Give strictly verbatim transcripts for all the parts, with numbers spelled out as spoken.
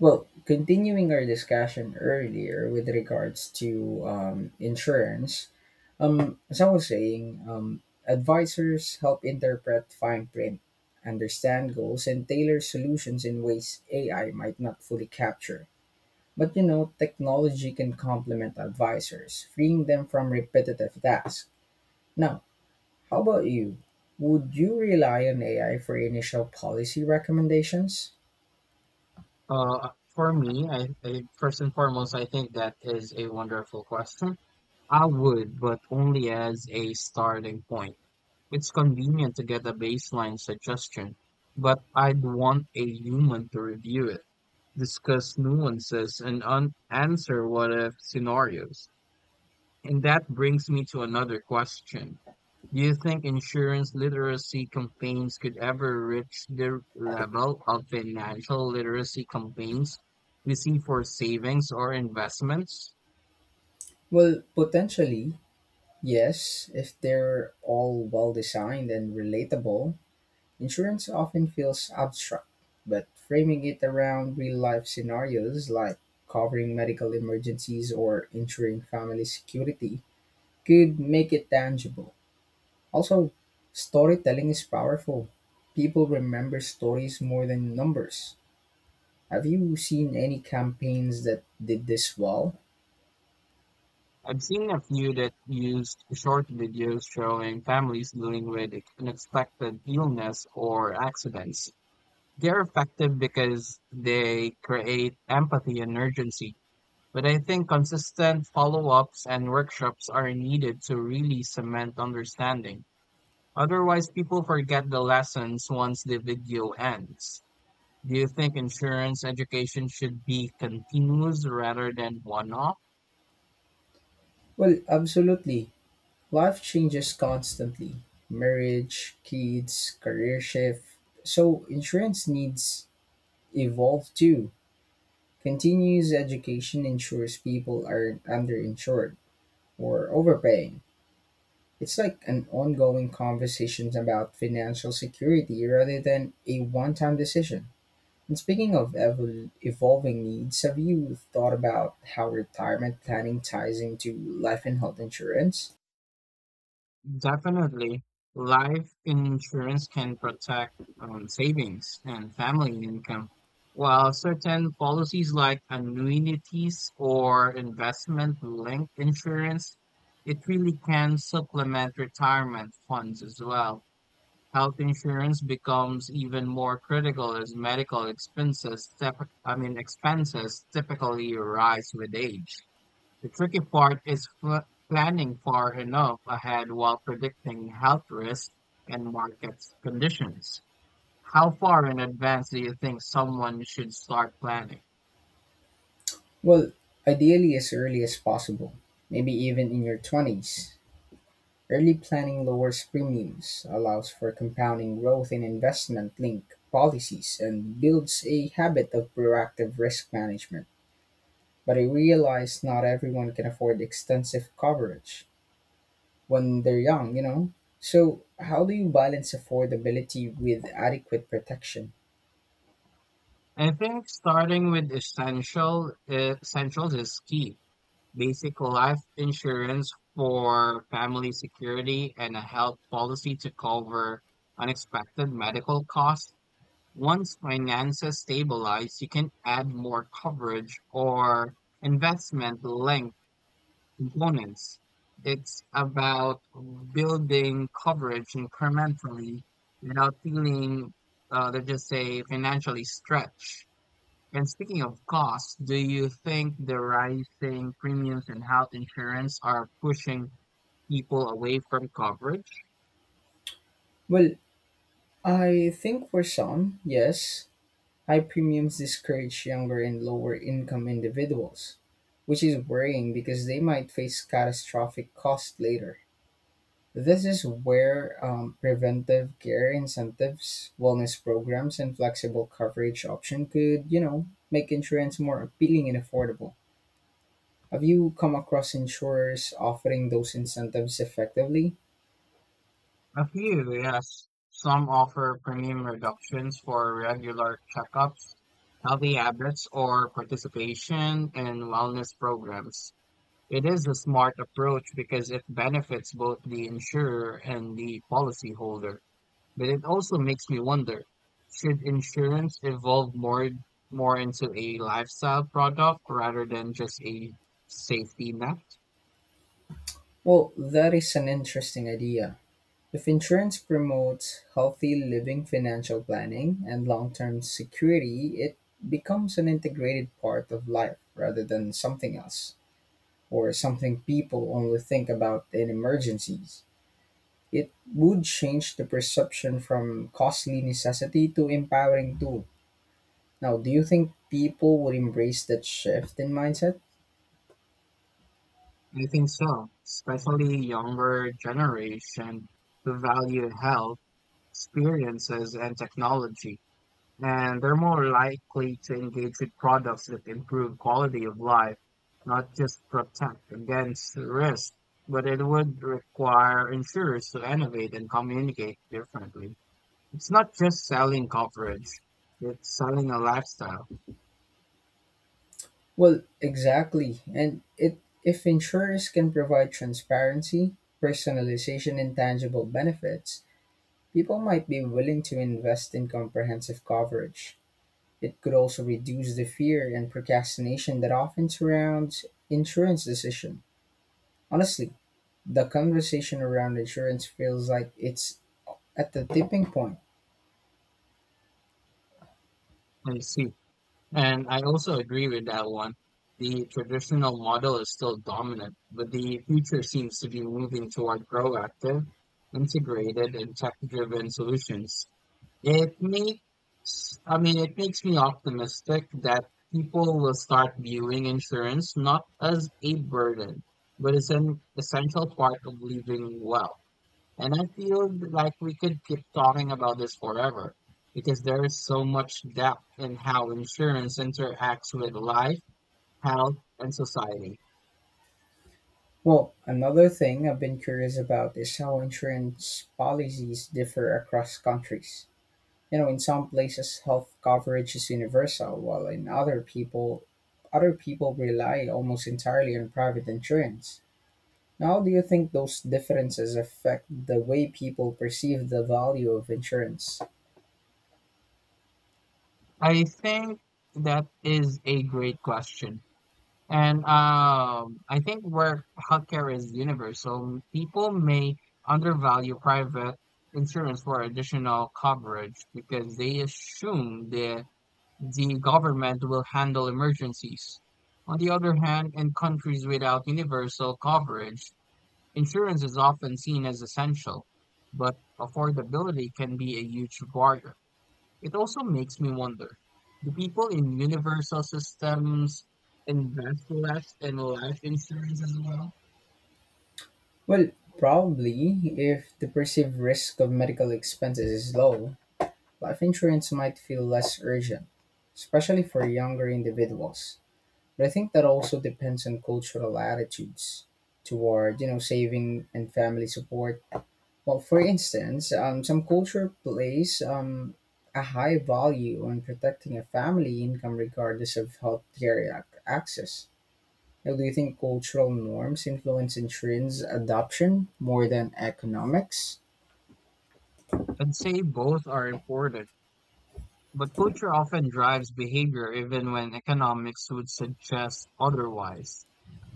Well, continuing our discussion earlier with regards to um, insurance, um, as I was saying, um, advisors help interpret fine print, understand goals, and tailor solutions in ways A I might not fully capture. But you know, technology can complement advisors, freeing them from repetitive tasks. Now, how about you? Would you rely on A I for initial policy recommendations? Uh, for me, I, I first and foremost, I think that is a wonderful question. I would, but only as a starting point. It's convenient to get a baseline suggestion, but I'd want a human to review it, discuss nuances, and un answer what if scenarios. And that brings me to another question. Do you think insurance literacy campaigns could ever reach the level of financial literacy campaigns we see for savings or investments? Well, potentially, yes, if they're all well designed and relatable, insurance often feels abstract, but framing it around real life scenarios like covering medical emergencies or ensuring family security could make it tangible. Also, storytelling is powerful. People remember stories more than numbers. Have you seen any campaigns that did this well? I've seen a few that used short videos showing families dealing with unexpected illness or accidents. They're effective because they create empathy and urgency. But I think consistent follow-ups and workshops are needed to really cement understanding. Otherwise, people forget the lessons once the video ends. Do you think insurance education should be continuous rather than one-off? Well, absolutely. Life changes constantly, marriage, kids, career shift. So, insurance needs evolve too. Continuous education ensures people aren't underinsured or overpaying. It's like an ongoing conversation about financial security rather than a one time decision. And speaking of evol- evolving needs, have you thought about how retirement planning ties into life and health insurance? Definitely, life insurance can protect um, savings and family income, while certain policies like annuities or investment-linked insurance, it really can supplement retirement funds as well. Health insurance becomes even more critical as medical expenses, typ- I mean, expenses typically rise with age. The tricky part is fl- planning far enough ahead while predicting health risks and market conditions. How far in advance do you think someone should start planning? Well, ideally as early as possible, maybe even in your twenties. Early planning lowers premiums, allows for compounding growth in investment linked policies, and builds a habit of proactive risk management. But I realize not everyone can afford extensive coverage when they're young, you know? So, how do you balance affordability with adequate protection? I think starting with essential eh, essentials is key. Basic life insurance for family security and a health policy to cover unexpected medical costs. Once finances stabilize, you can add more coverage or investment linked components. It's about building coverage incrementally without feeling, uh, let's just say, financially stretched. And speaking of costs, do you think the rising premiums in health insurance are pushing people away from coverage? Well, I think for some, yes, high premiums discourage younger and lower income individuals, which is worrying because they might face catastrophic costs later. This is where um, preventive care incentives, wellness programs, and flexible coverage option could, you know, make insurance more appealing and affordable. Have you come across insurers offering those incentives effectively? A few, yes. Some offer premium reductions for regular checkups, healthy habits, or participation in wellness programs. It is a smart approach because it benefits both the insurer and the policyholder. But it also makes me wonder, should insurance evolve more more into a lifestyle product rather than just a safety net? Well, that is an interesting idea. If insurance promotes healthy living, financial planning, and long term security, it becomes an integrated part of life rather than something else or something people only think about in emergencies. It would change the perception from costly necessity to empowering tool. Now, do you think people would embrace that shift in mindset? I think so, especially younger generation who value health, experiences, and technology, and they're more likely to engage with products that improve quality of life, not just protect against risk. But it would require insurers to innovate and communicate differently. It's not just selling coverage, it's selling a lifestyle. Well, exactly. And it, if insurers can provide transparency, personalization, and tangible benefits, people might be willing to invest in comprehensive coverage. It could also reduce the fear and procrastination that often surrounds insurance decision. Honestly, the conversation around insurance feels like it's at the tipping point. I see. And I also agree with that one. The traditional model is still dominant, but the future seems to be moving toward proactive, integrated, and tech-driven solutions. It makes, I mean, it makes me optimistic that people will start viewing insurance not as a burden, but as an essential part of living well. And I feel like we could keep talking about this forever because there is so much depth in how insurance interacts with life, health, and society. Well, another thing I've been curious about is how insurance policies differ across countries. You know, in some places health coverage is universal, while in other people other people rely almost entirely on private insurance. Now, how do you think those differences affect the way people perceive the value of insurance? I think that is a great question. And um, I think where healthcare is universal, people may undervalue private insurance for additional coverage because they assume that the government will handle emergencies. On the other hand, in countries without universal coverage, insurance is often seen as essential, but affordability can be a huge barrier. It also makes me wonder, do people in universal systems invest less in life insurance as well? Well, probably if the perceived risk of medical expenses is low, life insurance might feel less urgent, especially for younger individuals. But I think that also depends on cultural attitudes toward, you know, saving and family support. Well, for instance, um, some culture place um, a high value on protecting a family income regardless of healthcare ac- access. Now, do you think cultural norms influence insurance adoption more than economics? I'd say both are important, but culture often drives behavior even when economics would suggest otherwise.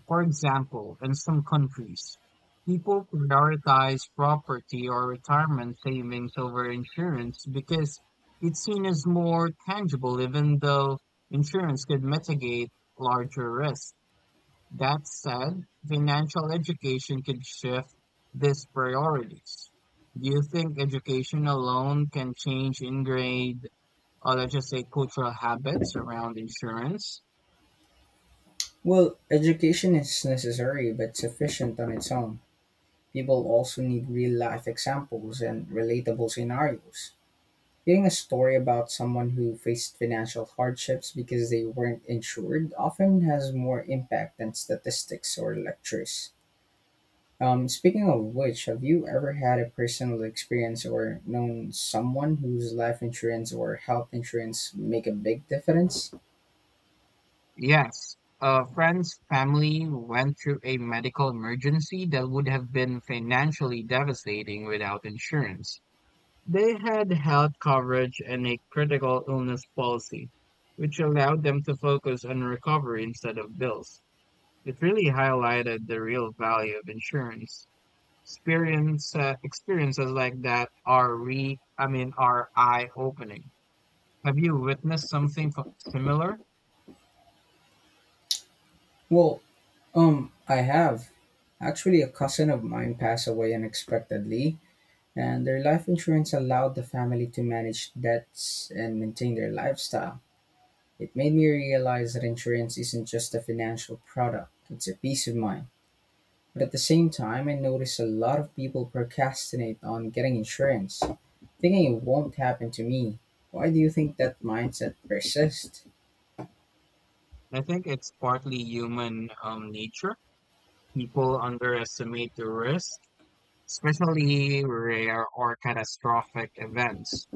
For example, in some countries, people prioritize property or retirement savings over insurance because it's seen as more tangible, even though insurance could mitigate larger risks. That said, financial education could shift these priorities. Do you think education alone can change ingrained, or let's just say cultural habits around insurance? Well, education is necessary but sufficient on its own. People also need real life examples and relatable scenarios. Hearing a story about someone who faced financial hardships because they weren't insured often has more impact than statistics or lectures. Um, speaking of which, have you ever had a personal experience or known someone whose life insurance or health insurance make a big difference? Yes, a friend's family went through a medical emergency that would have been financially devastating without insurance. They had health coverage and a critical illness policy, which allowed them to focus on recovery instead of bills. It really highlighted the real value of insurance. Experience, uh, experiences like that are re, I mean, are eye-opening. Have you witnessed something f- similar? Well, um, I have. Actually, a cousin of mine passed away unexpectedly, and their life insurance allowed the family to manage debts and maintain their lifestyle. It made me realize that insurance isn't just a financial product, it's a peace of mind. But at the same time, I notice a lot of people procrastinate on getting insurance, thinking it won't happen to me. Why do you think that mindset persists? I think it's partly human um, nature. People underestimate the risk, especially rare or catastrophic events.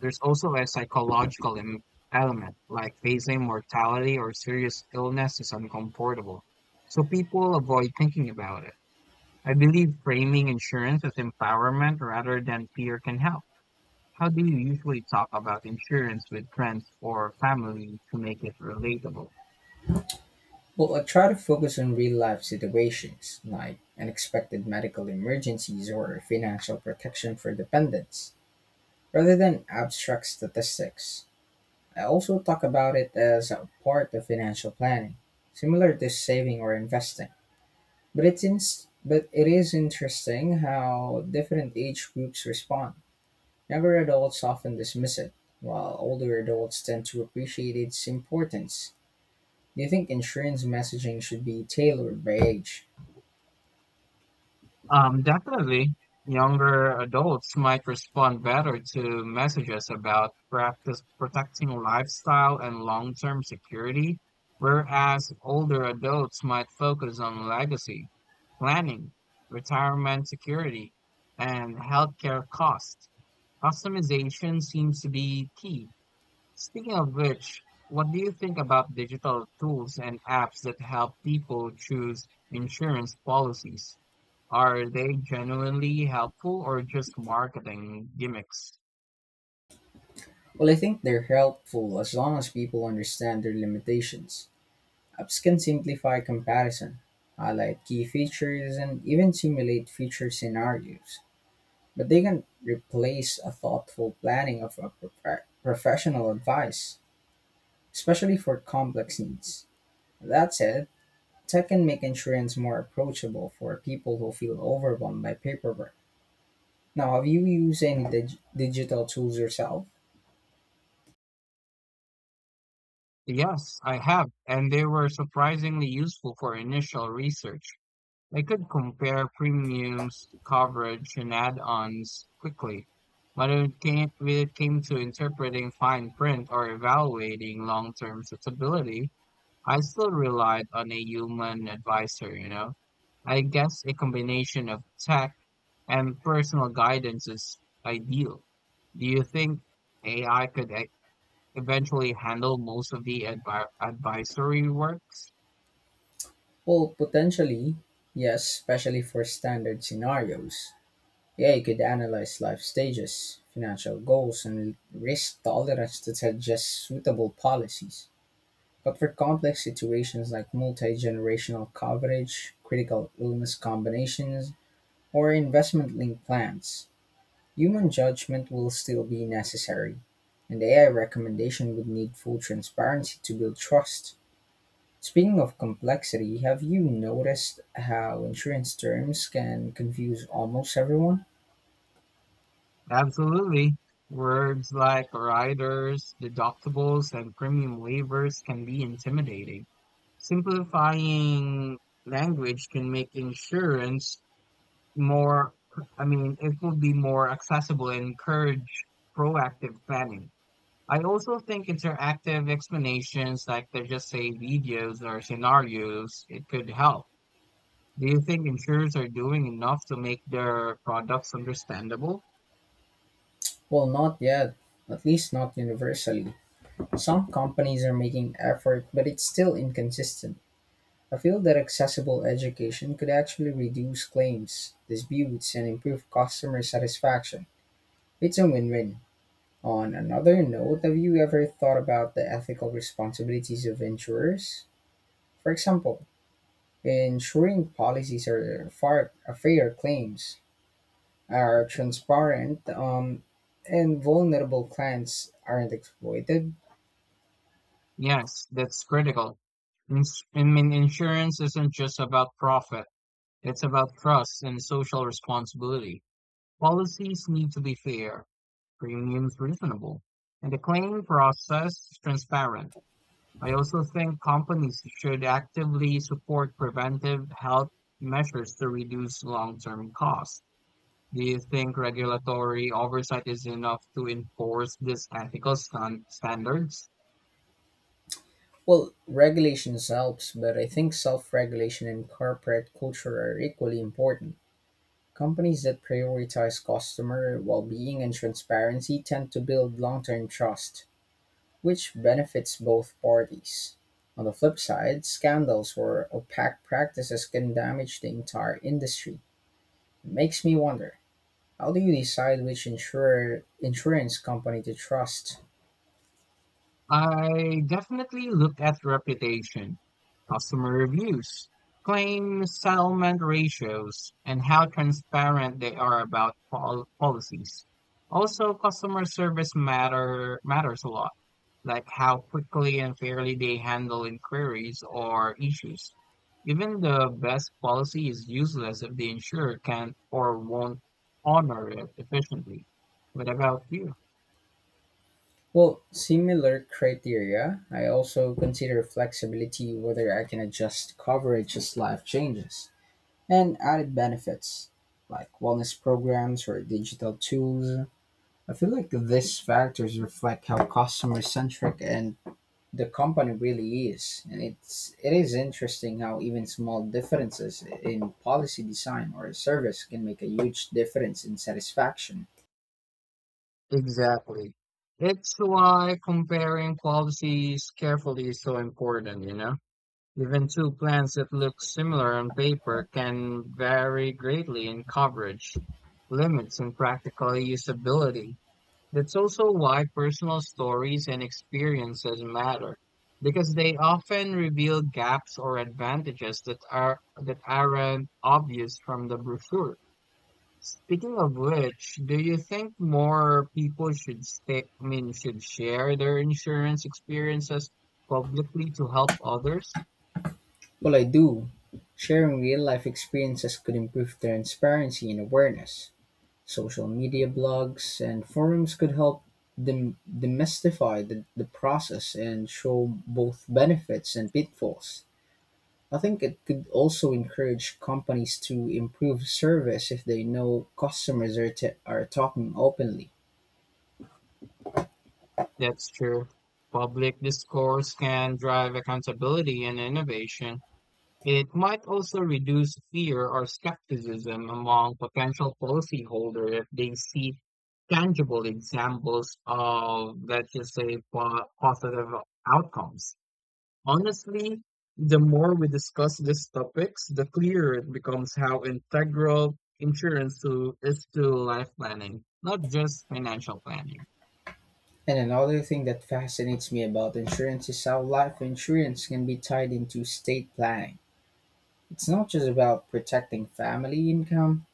There's also a psychological em- element, like facing mortality or serious illness is uncomfortable. So people avoid thinking about it. I believe framing insurance as empowerment rather than fear can help. How do you usually talk about insurance with friends or family to make it relatable? Well, I try to focus on real life situations, like unexpected medical emergencies or financial protection for dependents, rather than abstract statistics. I also talk about it as a part of financial planning, similar to saving or investing. But it's in, but it is interesting how different age groups respond. Younger adults often dismiss it, while older adults tend to appreciate its importance. Do you think insurance messaging should be tailored by age? Um, definitely, younger adults might respond better to messages about practice protecting lifestyle and long-term security, whereas older adults might focus on legacy, planning, retirement security, and healthcare costs. Customization seems to be key. Speaking of which, what do you think about digital tools and apps that help people choose insurance policies? Are they genuinely helpful or just marketing gimmicks? Well, I think they're helpful as long as people understand their limitations. Apps can simplify comparison, highlight key features, and even simulate future scenarios. But they can replace a thoughtful planning of a profe- professional advice, especially for complex needs. That said, tech can make insurance more approachable for people who feel overwhelmed by paperwork. Now, have you used any dig- digital tools yourself? Yes, I have, and they were surprisingly useful for initial research. I could compare premiums, coverage, and add-ons quickly. When it came, when it came to interpreting fine print or evaluating long-term suitability, I still relied on a human advisor, you know. I guess a combination of tech and personal guidance is ideal. Do you think A I could e- eventually handle most of the advi advisory works? Well, potentially, yes, especially for standard scenarios. Yeah, you could analyze life stages, financial goals, and risk tolerance to suggest suitable policies. But for complex situations like multi-generational coverage, critical illness combinations, or investment-linked plans, human judgment will still be necessary, and A I recommendation would need full transparency to build trust. Speaking of complexity, have you noticed how insurance terms can confuse almost everyone? Absolutely. Words like riders, deductibles, and premium waivers can be intimidating. Simplifying language can make insurance more, I mean, it would be more accessible and encourage proactive planning. I also think interactive explanations, like they just say videos or scenarios, it could help. Do you think insurers are doing enough to make their products understandable? Well, not yet, at least not universally. Some companies are making effort, but it's still inconsistent. I feel that accessible education could actually reduce claims, disputes, and improve customer satisfaction. It's a win win. On another note, have you ever thought about the ethical responsibilities of insurers? For example, ensuring policies are far, fair claims, are transparent, um, and vulnerable clients aren't exploited. Yes, that's critical. Ins- I mean, insurance isn't just about profit, it's about trust and social responsibility. Policies need to be fair, premiums reasonable, and the claim process transparent. I also think companies should actively support preventive health measures to reduce long-term costs. Do you think regulatory oversight is enough to enforce these ethical stan- standards? Well, regulations helps, but I think self-regulation and corporate culture are equally important. Companies that prioritize customer well-being and transparency tend to build long-term trust, which benefits both parties. On the flip side, scandals or opaque practices can damage the entire industry. It makes me wonder, how do you decide which insurer insurance company to trust? I definitely look at reputation, customer reviews, claim settlement ratios, and how transparent they are about pol- policies. Also, customer service matter matters a lot, like how quickly and fairly they handle inquiries or issues. Even the best policy is useless if the insurer can't or won't honor it efficiently. What about you? Well, similar criteria. I also consider flexibility, whether I can adjust coverage as life changes, and added benefits like wellness programs or digital tools. I feel like these factors reflect how customer centric and the company really is. And it's it is interesting how even small differences in policy design or service can make a huge difference in satisfaction. Exactly. It's why comparing policies carefully is so important, you know? Even two plans that look similar on paper can vary greatly in coverage, limits, and practical usability. That's also why personal stories and experiences matter, because they often reveal gaps or advantages that are that aren't obvious from the brochure. Speaking of which, do you think more people should stay, I mean, should share their insurance experiences publicly to help others? Well, I do. Sharing real life experiences could improve transparency and awareness. Social media blogs and forums could help dem- demystify the, the process and show both benefits and pitfalls. I think it could also encourage companies to improve service if they know customers are, t- are talking openly. That's true. Public discourse can drive accountability and innovation. It might also reduce fear or skepticism among potential policyholders if they see tangible examples of, let's just say, po- positive outcomes. Honestly, the more we discuss these topics, the clearer it becomes how integral insurance to, is to life planning, not just financial planning. And another thing that fascinates me about insurance is how life insurance can be tied into state planning. It's not just about protecting family income,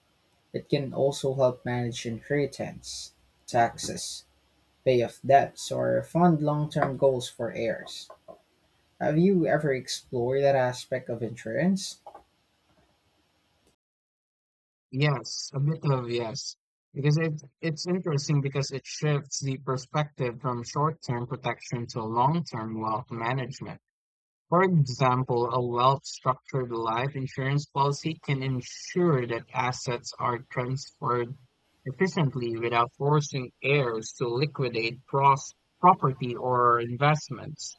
it can also help manage inheritance, taxes, pay off debts or fund long-term goals for heirs. Have you ever explored that aspect of insurance? Yes, a bit of yes, because it, it's interesting because it shifts the perspective from short term protection to long term wealth management. For example, a well-structured life insurance policy can ensure that assets are transferred efficiently without forcing heirs to liquidate pros- property or investments.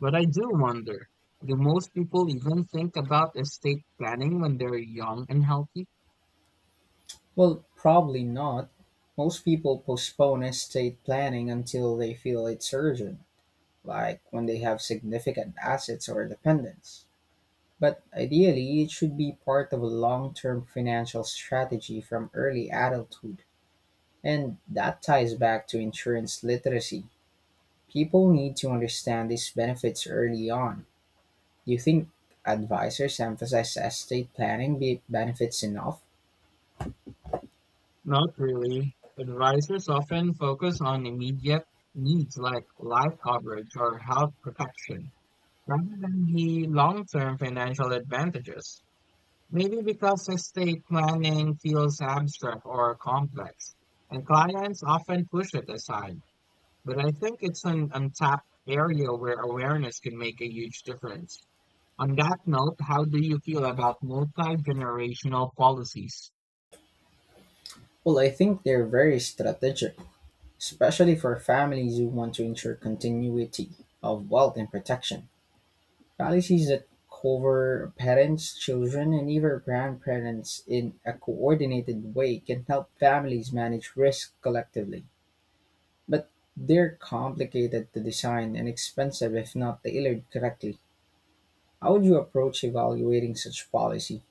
But I do wonder, do most people even think about estate planning when they're young and healthy? Well, probably not. Most people postpone estate planning until they feel it's urgent, like when they have significant assets or dependents. But ideally, it should be part of a long term financial strategy from early adulthood. And that ties back to insurance literacy. People need to understand these benefits early on. Do you think advisors emphasize estate planning be- benefits enough? Not really. Advisors often focus on immediate needs like life coverage or health protection rather than the long-term financial advantages. Maybe because estate planning feels abstract or complex, and clients often push it aside. But I think it's an untapped area where awareness can make a huge difference. On that note, how do you feel about multi-generational policies? Well, I think they're very strategic, especially for families who want to ensure continuity of wealth and protection. Policies that cover parents, children, and even grandparents in a coordinated way can help families manage risk collectively. But they're complicated to design and expensive if not tailored correctly. How would you approach evaluating such policy?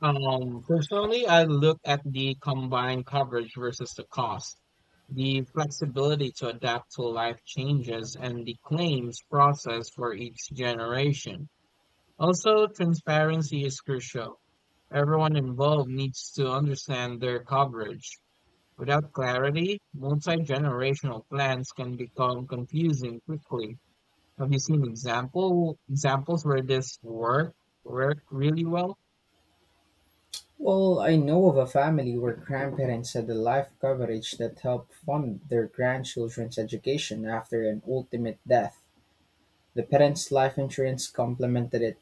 Um, personally, I look at the combined coverage versus the cost, the flexibility to adapt to life changes, and the claims process for each generation. Also, transparency is crucial. Everyone involved needs to understand their coverage. Without clarity, multi-generational plans can become confusing quickly. Have you seen example examples where this work worked really well? Well, I know of a family where grandparents had the life coverage that helped fund their grandchildren's education after an ultimate death. The parents' life insurance complemented it,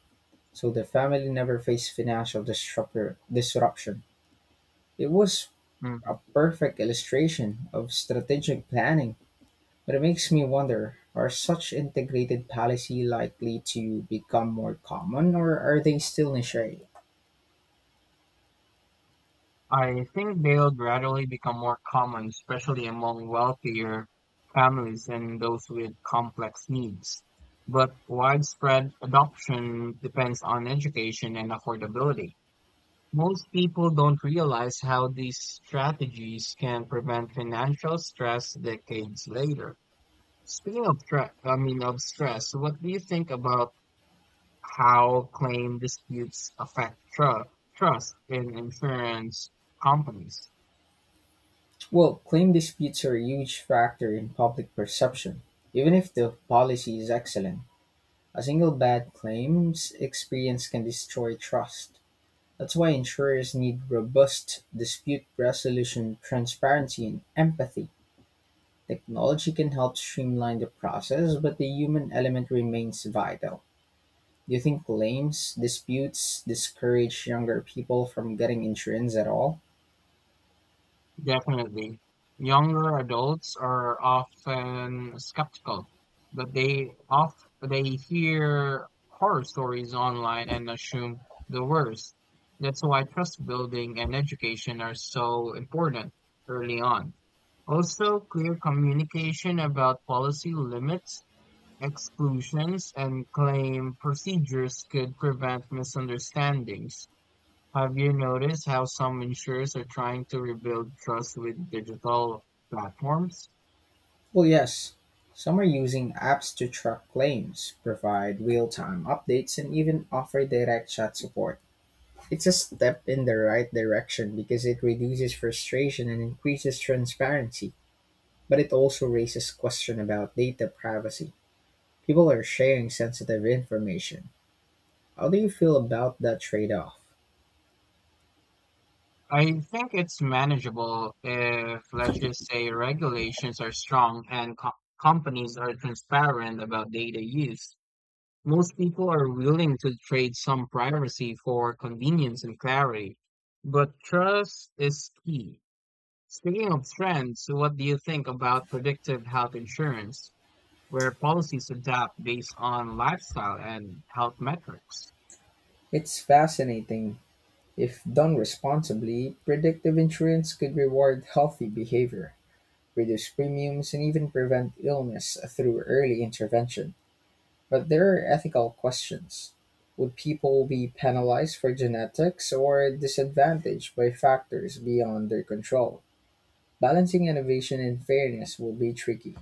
so the family never faced financial disruptor- disruption. It was a perfect illustration of strategic planning, but it makes me wonder, are such integrated policy likely to become more common or are they still niche? I think they'll gradually become more common, especially among wealthier families and those with complex needs. But widespread adoption depends on education and affordability. Most people don't realize how these strategies can prevent financial stress decades later. Speaking of stress, I mean of stress, what do you think about how claim disputes affect tru- trust in insurance companies? Well, claim disputes are a huge factor in public perception. Even if the policy is excellent, a single bad claims experience can destroy trust. That's why insurers need robust dispute resolution, transparency, and empathy. Technology can help streamline the process, but the human element remains vital. Do you think claims disputes discourage younger people from getting insurance at all? Definitely. Younger adults are often skeptical, but they off they hear horror stories online and assume the worst. That's why trust building and education are so important early on. Also, clear communication about policy limits, exclusions, and claim procedures could prevent misunderstandings. Have you noticed how some insurers are trying to rebuild trust with digital platforms? Well, yes. Some are using apps to track claims, provide real time updates, and even offer direct chat support. It's a step in the right direction because it reduces frustration and increases transparency, but it also raises questions about data privacy. People are sharing sensitive information. How do you feel about that trade off? I think it's manageable if, let's just say, regulations are strong and co- companies are transparent about data use. Most people are willing to trade some privacy for convenience and clarity, but trust is key. Speaking of trends, what do you think about predictive health insurance, where policies adapt based on lifestyle and health metrics? It's fascinating. If done responsibly, predictive insurance could reward healthy behavior, reduce premiums, and even prevent illness through early intervention. But there are ethical questions. Would people be penalized for genetics or disadvantaged by factors beyond their control? Balancing innovation and fairness will be tricky.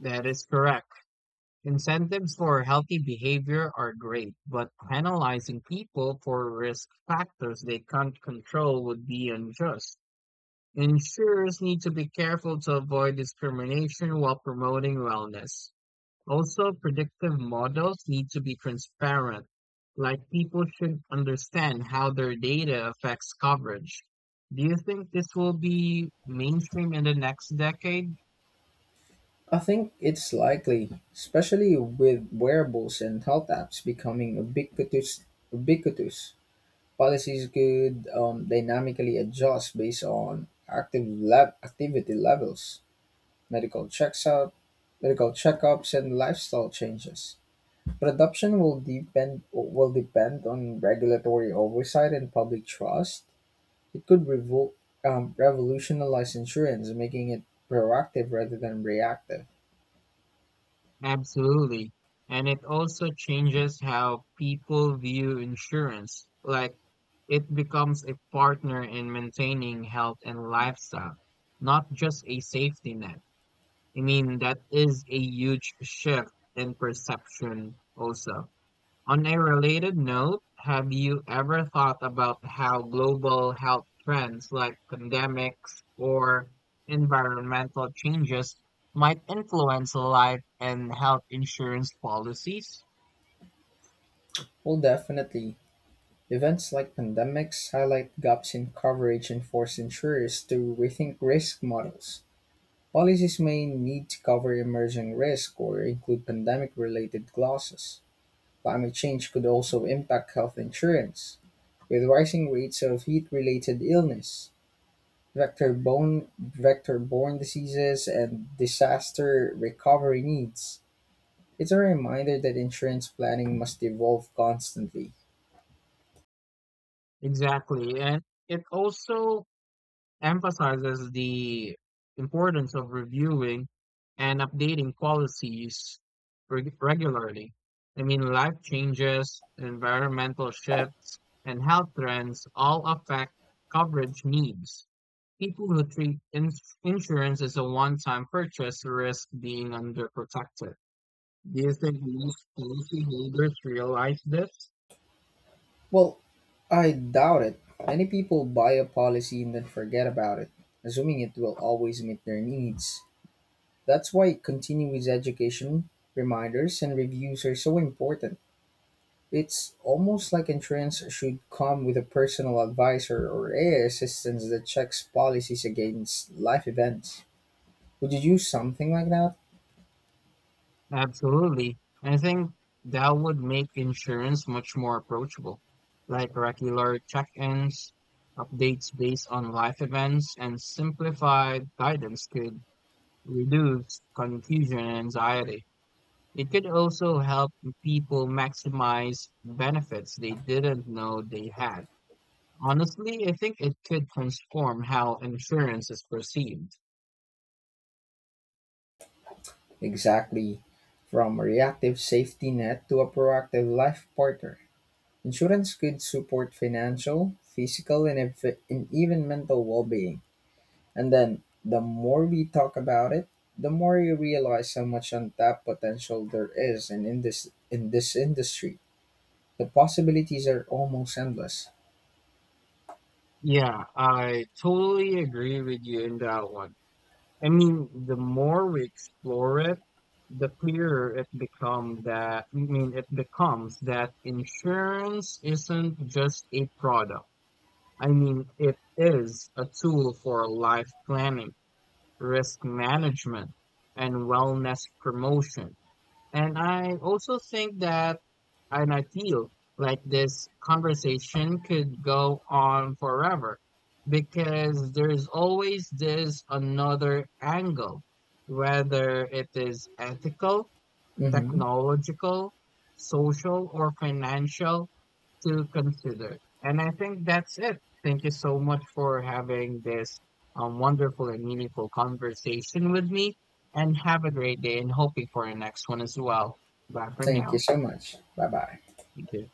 That is correct. Incentives for healthy behavior are great, but penalizing people for risk factors they can't control would be unjust. Insurers need to be careful to avoid discrimination while promoting wellness. Also, predictive models need to be transparent, like people should understand how their data affects coverage. Do you think this will be mainstream in the next decade? I think it's likely, especially with wearables and health apps becoming ubiquitous. Ubiquitous policies could um, dynamically adjust based on active lab activity levels, medical checks up, medical checkups, and lifestyle changes. Production will depend Will depend on regulatory oversight and public trust. It could revol- um, revolutionize insurance, making it proactive rather than reactive. Absolutely. And it also changes how people view insurance, like it becomes a partner in maintaining health and lifestyle, not just a safety net. I mean, that is a huge shift in perception also. On a related note, have you ever thought about how global health trends like pandemics or environmental changes might influence life and health insurance policies? Well, definitely. Events like pandemics highlight gaps in coverage and force insurers to rethink risk models. Policies may need to cover emerging risk or include pandemic related clauses. Climate change could also impact health insurance, with rising rates of heat-related illness, vector bone, vector-borne diseases, and disaster recovery needs. It's a reminder that insurance planning must evolve constantly. Exactly. And it also emphasizes the importance of reviewing and updating policies reg- regularly. I mean, life changes, environmental shifts, and health trends all affect coverage needs. People who treat ins- insurance as a one time purchase risk being underprotected. Do you think most policyholders realize this? Well, I doubt it. Many people buy a policy and then forget about it, assuming it will always meet their needs. That's why continuous education, reminders, and reviews are so important. It's almost like insurance should come with a personal advisor or A I assistance that checks policies against life events. Would you use something like that? Absolutely. I think that would make insurance much more approachable, like regular check-ins, updates based on life events, and simplified guidance could reduce confusion and anxiety. It could also help people maximize benefits they didn't know they had. Honestly, I think it could transform how insurance is perceived. Exactly. From a reactive safety net to a proactive life partner. Insurance could support financial, physical, and, ev- and even mental well being. And then the more we talk about it, the more you realize how much untapped potential there is in, in, this, in this industry. The possibilities are almost endless. Yeah, I totally agree with you in that one. I mean, the more we explore it, the clearer it become that, I mean, it becomes that insurance isn't just a product. I mean, it is a tool for life planning, risk management, and wellness promotion. And I also think that, and I feel like this conversation could go on forever because there's always this another angle, whether it is ethical, Hmm. technological, social, or financial to consider. And I think that's it. Thank you so much for having this um, wonderful and meaningful conversation with me. And have a great day and hoping for your next one as well. Bye for Thank now. you so much. Bye bye. Thank you.